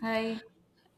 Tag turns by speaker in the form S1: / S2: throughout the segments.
S1: Hi.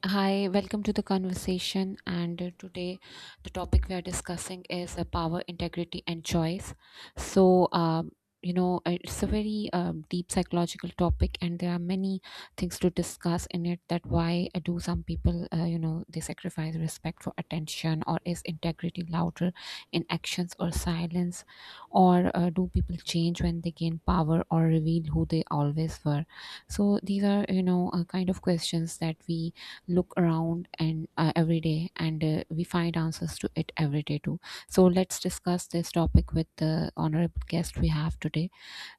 S2: Hi, welcome to the conversation. And today, the topic we are discussing is power, integrity, and choice. So, it's a very deep psychological topic, and there are many things to discuss in it. That why do some people, they sacrifice respect for attention, or is integrity louder in actions or silence, or do people change when they gain power or reveal who they always were? So these are, kind of questions that we look around and every day and we find answers to it every day too. So let's discuss this topic with the honorable guest we have today.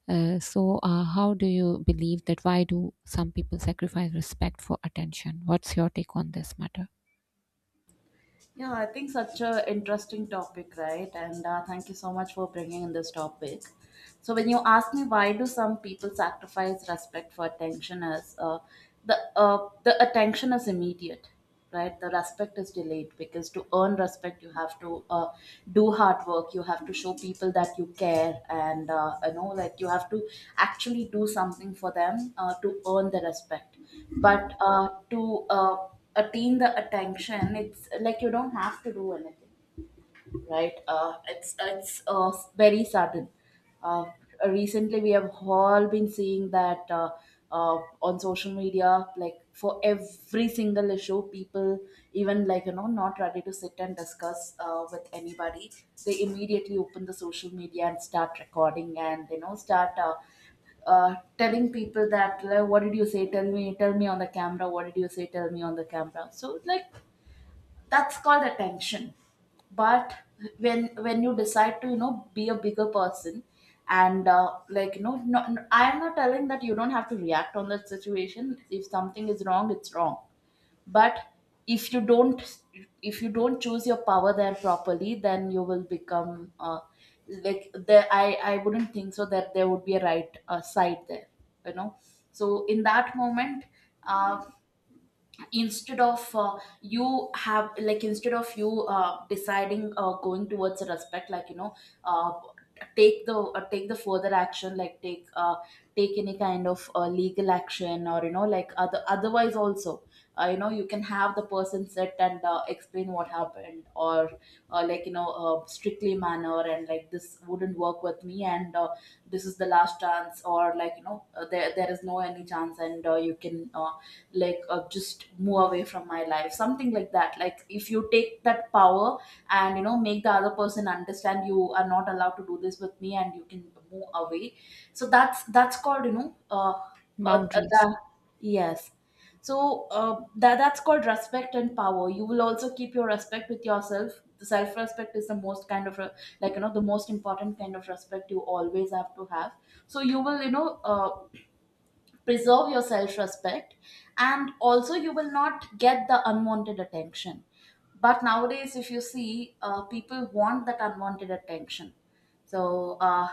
S2: How do you believe that why do some people sacrifice respect for attention? What's your take on this matter?
S1: Yeah, I think such a interesting topic, right? And thank you so much for bringing in this topic. So when you ask me why do some people sacrifice respect for attention as the the attention is immediate, right? The respect is delayed because to earn respect you have to do hard work. You have to show people that you care, and you know like you have to actually do something for them to earn the respect, but to attain the attention. It's like you don't have to do anything, right? It's very sudden. Uh, recently, we have all been seeing that uh, on social media, like for every single issue, people even like you know not ready to sit and discuss with anybody, they immediately open the social media and start recording and you know start. Telling people that like, what did you say, tell me, tell me on the camera, what did you say, tell me on the camera. So like that's called attention. But when you decide to you know be a bigger person and like you know I am not telling that you don't have to react on that situation. If something is wrong, it's wrong. But if you don't, if you don't choose your power there properly, then you will become like there, I wouldn't think so that there would be a right side there, you know. So in that moment, uh, instead of you have like instead of you deciding going towards a respect, like you know, uh, take the further action, like take take any kind of legal action, or you know like other otherwise also, you know you can have the person sit and explain what happened, or like you know strictly manner and like this wouldn't work with me, and this is the last chance, or like you know there is no any chance, and you can like just move away from my life, something like that, like if you take that power and you know make the other person understand you are not allowed to do this with me and you can move away. So that's called you know uh, uh,
S2: Boundaries.
S1: the- yes. So that's called respect and power. You will also keep your respect with yourself. The self respect is the most kind of like you know the most important kind of respect you always have to have. So you will you know preserve your self respect, and also you will not get the unwanted attention. But nowadays if you see people want that unwanted attention. So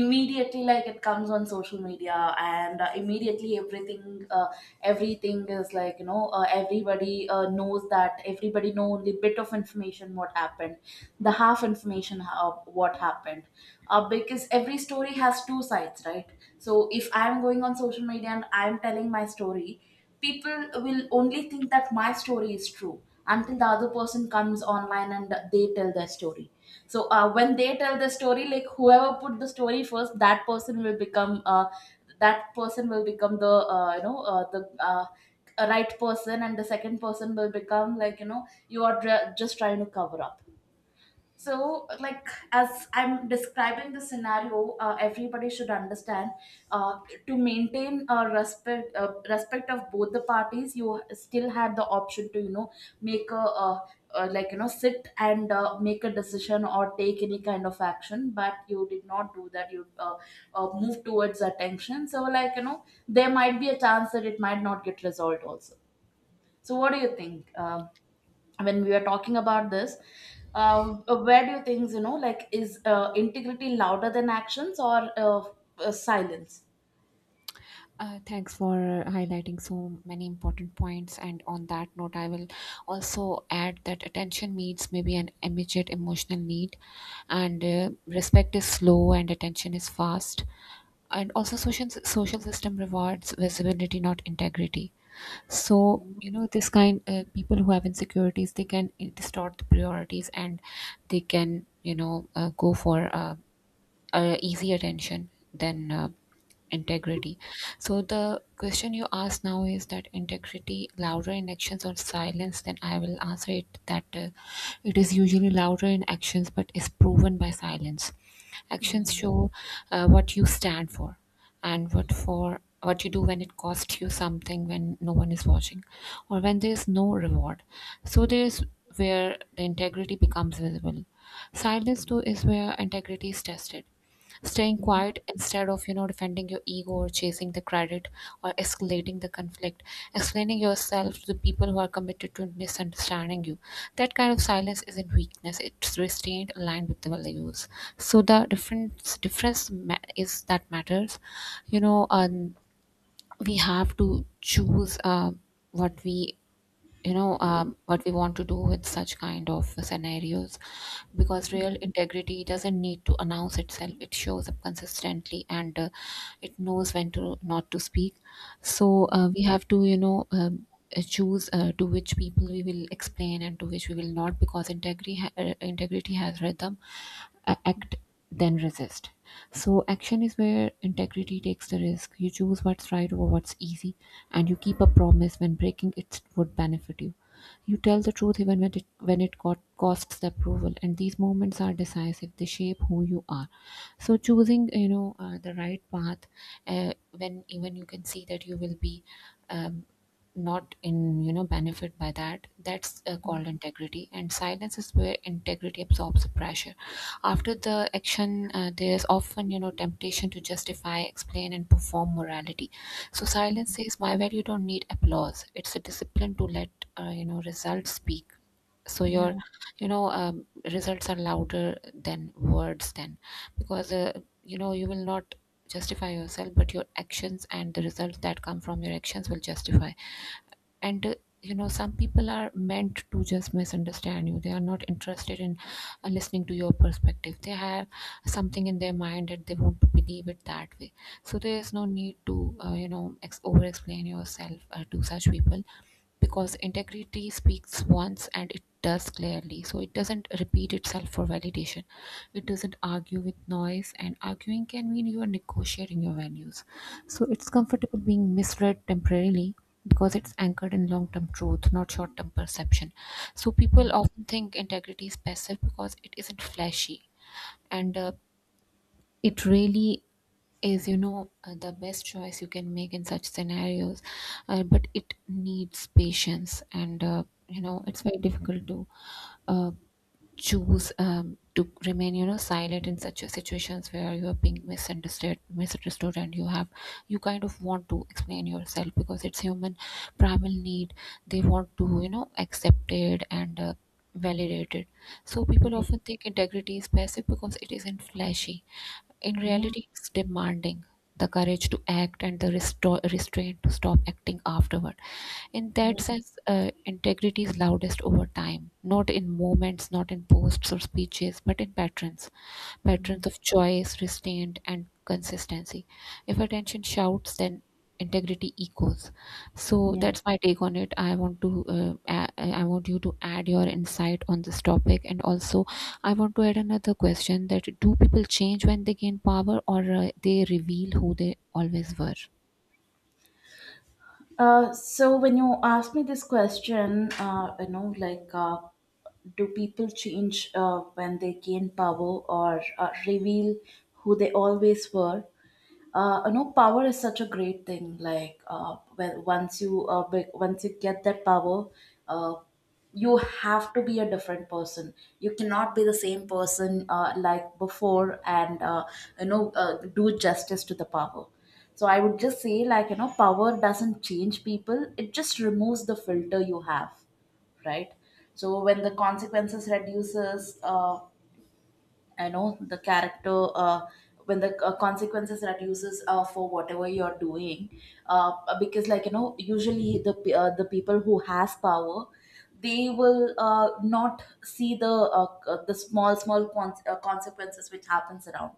S1: immediately like it comes on social media and immediately everything everything is like you know everybody knows that, everybody know only bit of information what happened, the half information, how, what happened. Uh, because every story has two sides, right? So if I'm going on social media and I'm telling my story, people will only think that my story is true until the other person comes online and they tell their story. So when they tell the story, like whoever put the story first, that person will become that person will become the you know the right person, and the second person will become like you know you are just trying to cover up. So, like, as I'm describing the scenario, everybody should understand uh, to maintain a respect, respect of both the parties. You still had the option to, you know, make a like you know sit and make a decision or take any kind of action, but you did not do that. You moved towards attention. So, like you know, there might be a chance that it might not get resolved also. So, what do you think? When we were talking about this, where do you think, you know, like, is integrity louder than actions or silence?
S2: Thanks for highlighting so many important points. And on that note, I will also add that attention needs may be an immediate emotional need, and
S1: Yeah.
S2: respect is slow and attention is fast. And also, social system rewards visibility, not integrity. So, this kind people who have insecurities, they can distort the priorities, and they can go for easy attention than integrity. So the question you ask now is that integrity louder in actions or silence? Then I will answer it that it is usually louder in actions, but is proven by silence. Actions
S1: Yeah.
S2: show what you stand for, and what for what you do when it costs you something, when no one is watching or when there is no reward. So there is where the integrity becomes visible. Silence, though, is where integrity is tested. Staying quiet instead of, defending your ego or chasing the credit or escalating the conflict, explaining yourself to the people who are committed to misunderstanding you. That kind of silence isn't weakness, it's restraint aligned with the values. So the difference is that matters. You know, um, we have to choose what we what we want to do with such kind of scenarios, because real integrity doesn't need to announce itself. It shows up consistently, and it knows when to not to speak. So we have to choose to which people we will explain and to which we will not, because integrity has rhythm. Act, then resist. So, action is where integrity takes the risk. You choose what's right over what's easy, and you keep a promise when breaking it would benefit you. You tell the truth even when it costs the approval, and these moments are decisive. They shape who you are. So, choosing the right path when even you can see that you will be um, not in benefit by that. That's called integrity, and silence is where integrity absorbs the pressure. After the action, there's often, temptation to justify, explain, and perform morality. So silence says, "My value don't need applause. It's a discipline to let, results speak." So your,
S1: Yeah.
S2: you know, um, results are louder than words. Then, because you will not justify yourself, but your actions and the results that come from your actions will justify. And some people are meant to just misunderstand you. They are not interested in listening to your perspective. They have something in their mind that they want to believe it that way. So there is no need to over explain yourself to such people, because integrity speaks once and it does clearly, so it doesn't repeat itself for validation. It doesn't argue with noise, and arguing can mean you are negotiating your values. So it's comfortable being misread temporarily, because it's anchored in long-term truth, not short-term perception. So people often think integrity is passive because it isn't flashy. And it really is the best choice you can make in such scenarios. But it needs patience, and it's very difficult to uh, choose to remain silent in such a situations where you are being misunderstood, and you have, you kind of want to explain yourself because it's human primal need. They want to accepted and validated. So people often think integrity is passive because it isn't flashy. In
S1: Yeah.
S2: reality, it's demanding the courage to act and the restraint to stop acting afterward. In that
S1: Yeah.
S2: sense, integrity is loudest over time, not in moments, not in posts or speeches, but in patterns of choice, restraint, and consistency. If attention shouts, then integrity echoes. So
S1: Yeah.
S2: that's my take on it. I want you to add your insight on this topic, and also I want to add another question: that do people change when they gain power, or they reveal who they always were?
S1: So when you ask me this question, you know, do people change when they gain power or reveal who they always were? You know, power is such a great thing. Like, when once you once you get that power, uh, you have to be a different person. You cannot be the same person like before, and you know do justice to the power. So I would just say like you know power doesn't change people, it just removes the filter you have, right? So when the consequences reduces, I know the character, when the consequences that uses for whatever you're doing, uh, because like you know, usually the the people who has power, they will not see the small small consequences which happens around.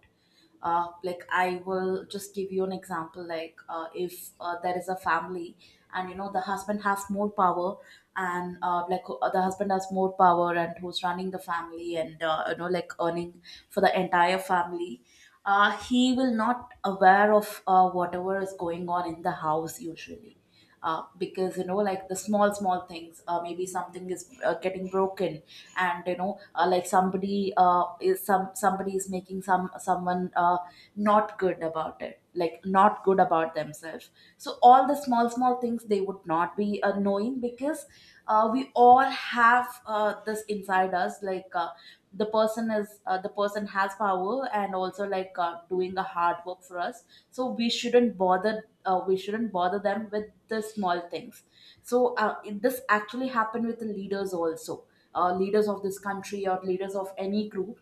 S1: Like I will just give you an example. Like if there is a family and you know the husband has more power, and the husband has more power and who's running the family and you know like earning for the entire family. He will not aware of whatever is going on in the house usually, because you know like the small small things, maybe something is getting broken, and you know like somebody is some somebody is making some someone not good about it, like not good about themselves. So all the small small things they would not be knowing, because we all have this inside us, like the person is the person has power and also like doing a hard work for us, so we shouldn't bother, we shouldn't bother them with the small things. So this actually happened with the leaders also, leaders of this country or leaders of any group.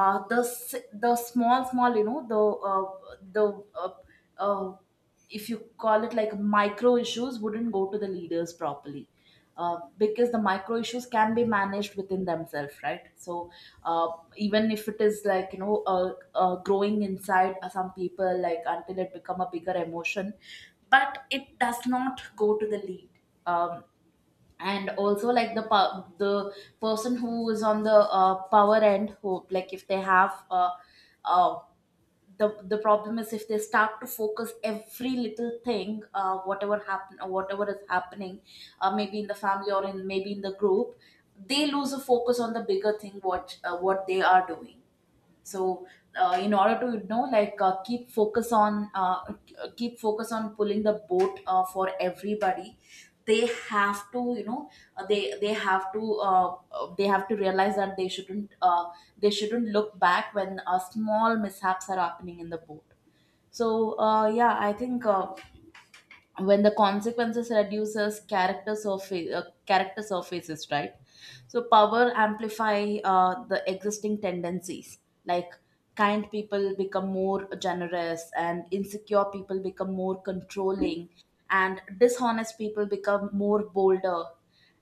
S1: The small small you know the uh, the uh, uh, if you call it like micro issues wouldn't go to the leaders properly, because the micro issues can be managed within themselves, right? So uh, even if it is like you know growing inside some people like until it become a bigger emotion, but it does not go to the lead. um, and also like the the person who is on the power end who like if they have uh, the problem is if they start to focus every little thing, whatever happen, whatever is happening, maybe in the family or in maybe in the group, they lose a focus on the bigger thing, what they are doing. So in order to you know like keep focus on pulling the boat for everybody, they have to you know they have to they have to realize that they shouldn't look back when small mishaps are happening in the boat. So yeah, I think when the consequences reduces character surfaces, right? So power amplify the existing tendencies, like kind people become more generous, and insecure people become more controlling, and dishonest people become more bolder.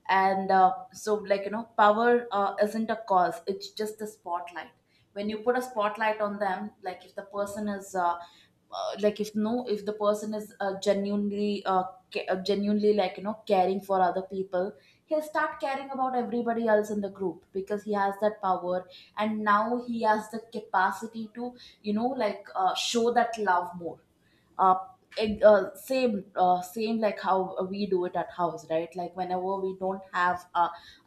S1: And so like you know power isn't a cause, it's just a spotlight. When you put a spotlight on them, like if the person is if the person is genuinely genuinely like you know caring for other people, he'll start caring about everybody else in the group because he has that power, and now he has the capacity to you know like show that love more. Uh, eg- same same like how we do it at house, right? Like whenever we don't have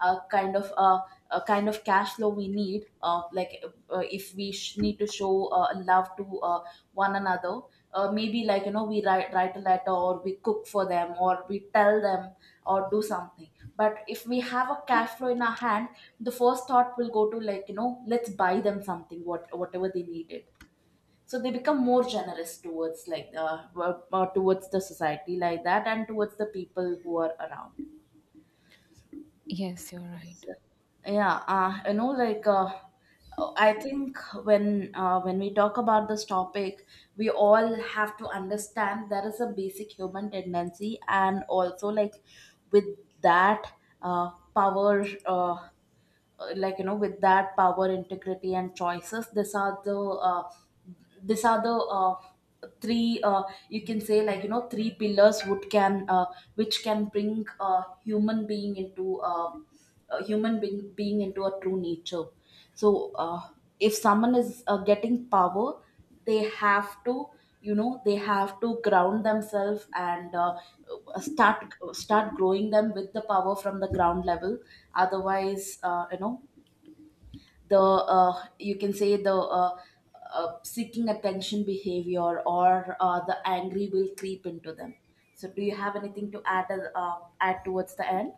S1: a kind of a kind of cash flow we need, if we need to show love to one another, maybe like you know we write a letter, or we cook for them, or we tell them, or do something. But if we have a cash flow in our hand, the first thought will go to like you know let's buy them something, what whatever they needed. So they become more generous towards like towards the society like that, and towards the people who are around.
S2: Yes, you're right.
S1: So- yeah, you know like, I think when we talk about this topic, we all have to understand there is a basic human tendency, and also like with that power like you know with that power, integrity and choices, uh, these are the uh, three you can say like you know three pillars would can which can bring a human being into being into a true nature. So, if someone is getting power, they have to, you know, they have to ground themselves and start growing them with the power from the ground level. Otherwise, you know, the you can say the seeking attention behavior or the angry will creep into them. So, do you have anything to add add towards the end?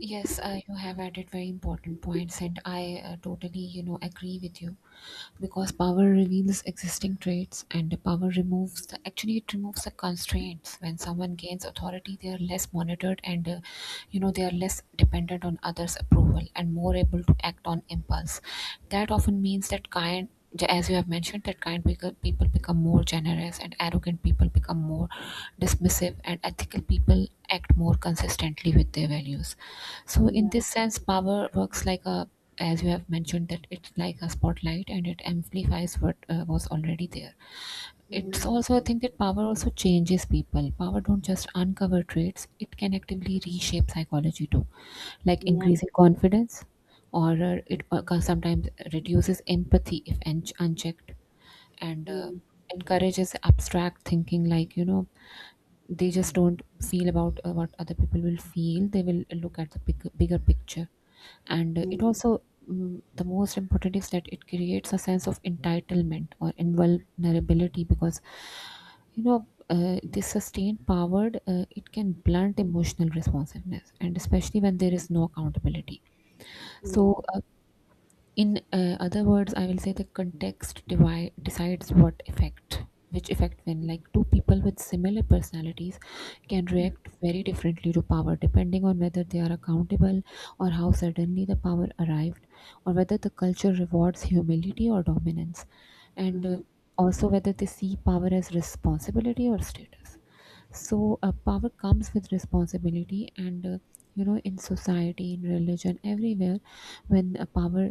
S2: Yes, you have added very important points, and I totally, agree with you, because power reveals existing traits, and the power removes the, actually it removes the constraints. When someone gains authority, they are less monitored, and they are less dependent on others' approval, and more able to act on impulse. That often means that kind, as you have mentioned, people become more generous, and arrogant people become more dismissive, and ethical people act more consistently with their values. So in
S1: Yeah,
S2: this sense, power works like a, as you have mentioned, that it's like a spotlight, and it amplifies what was already there. It's
S1: yeah.
S2: also, I think, that power also changes people. Power don't just uncover traits; it can actively reshape psychology too, like
S1: Yeah.
S2: increasing confidence, or it sometimes reduces empathy if unchecked, and
S1: Yeah,
S2: encourages abstract thinking, like they just don't feel about what other people will feel. They will look at the bigger picture. And
S1: yeah,
S2: it also, the most important is that it creates a sense of entitlement or invulnerability, because this sustained power it can blunt emotional responsiveness, and especially when there is no accountability.
S1: yeah,
S2: So in other words, I will say the context decides what effect, which effect, when like two people with similar personalities can react very differently to power, depending on whether they are accountable, or how suddenly the power arrived, or whether the culture rewards humility or dominance, and
S1: yeah,
S2: also whether they see power as responsibility or status. So power comes with responsibility. And in society, in religion, everywhere, when a power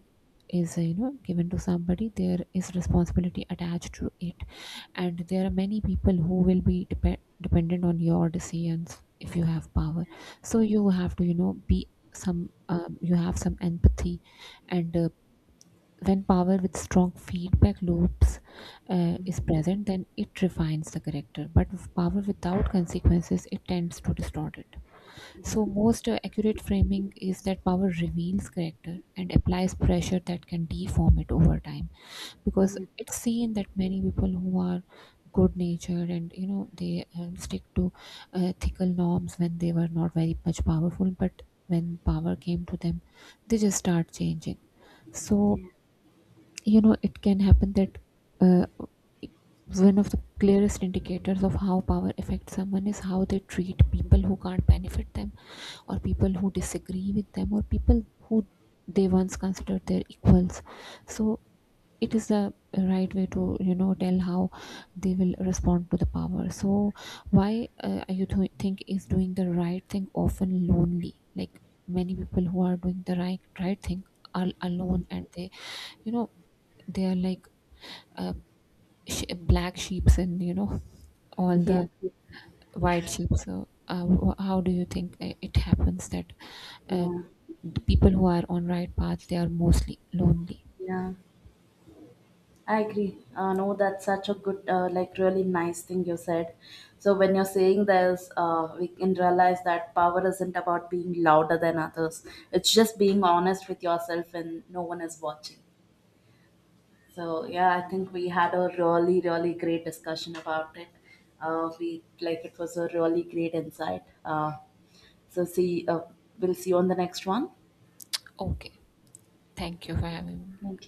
S2: is given to somebody, there is responsibility attached to it, and there are many people who will be dependent on your decisions if you have power. So you have to be some you have some empathy. And when power with strong feedback loops is present, then it refines the character. But with power without consequences, it tends to distort it. So, most accurate framing is that power reveals character and applies pressure that can deform it over time. Because it's seen that many people who are good natured and they stick to ethical norms when they were not very much powerful, but when power came to them, they just start changing. So it can happen that uh, one of the clearest indicators of how power affects someone is how they treat people who can't benefit them, or people who disagree with them, or people who they once considered their equals. So it is the right way to tell how they will respond to the power. So why you think is doing the right thing often lonely? Like, many people who are doing the right thing are alone, and they you know they are like uh, black sheeps, and all
S1: yeah,
S2: the white sheep. So, how do you think it happens that uh,
S1: yeah,
S2: the people who are on right path, they are mostly lonely?
S1: yeah. I agree. No, that's such a good, like, really nice thing you said. So when you're saying this, we can realize that power isn't about being louder than others. It's just being honest with yourself and no one is watching. So yeah, I think we had a really, really great discussion about it. We like It was a really great insight. So see, we'll see you on the next one.
S2: Okay, thank you for having me.
S1: Ok.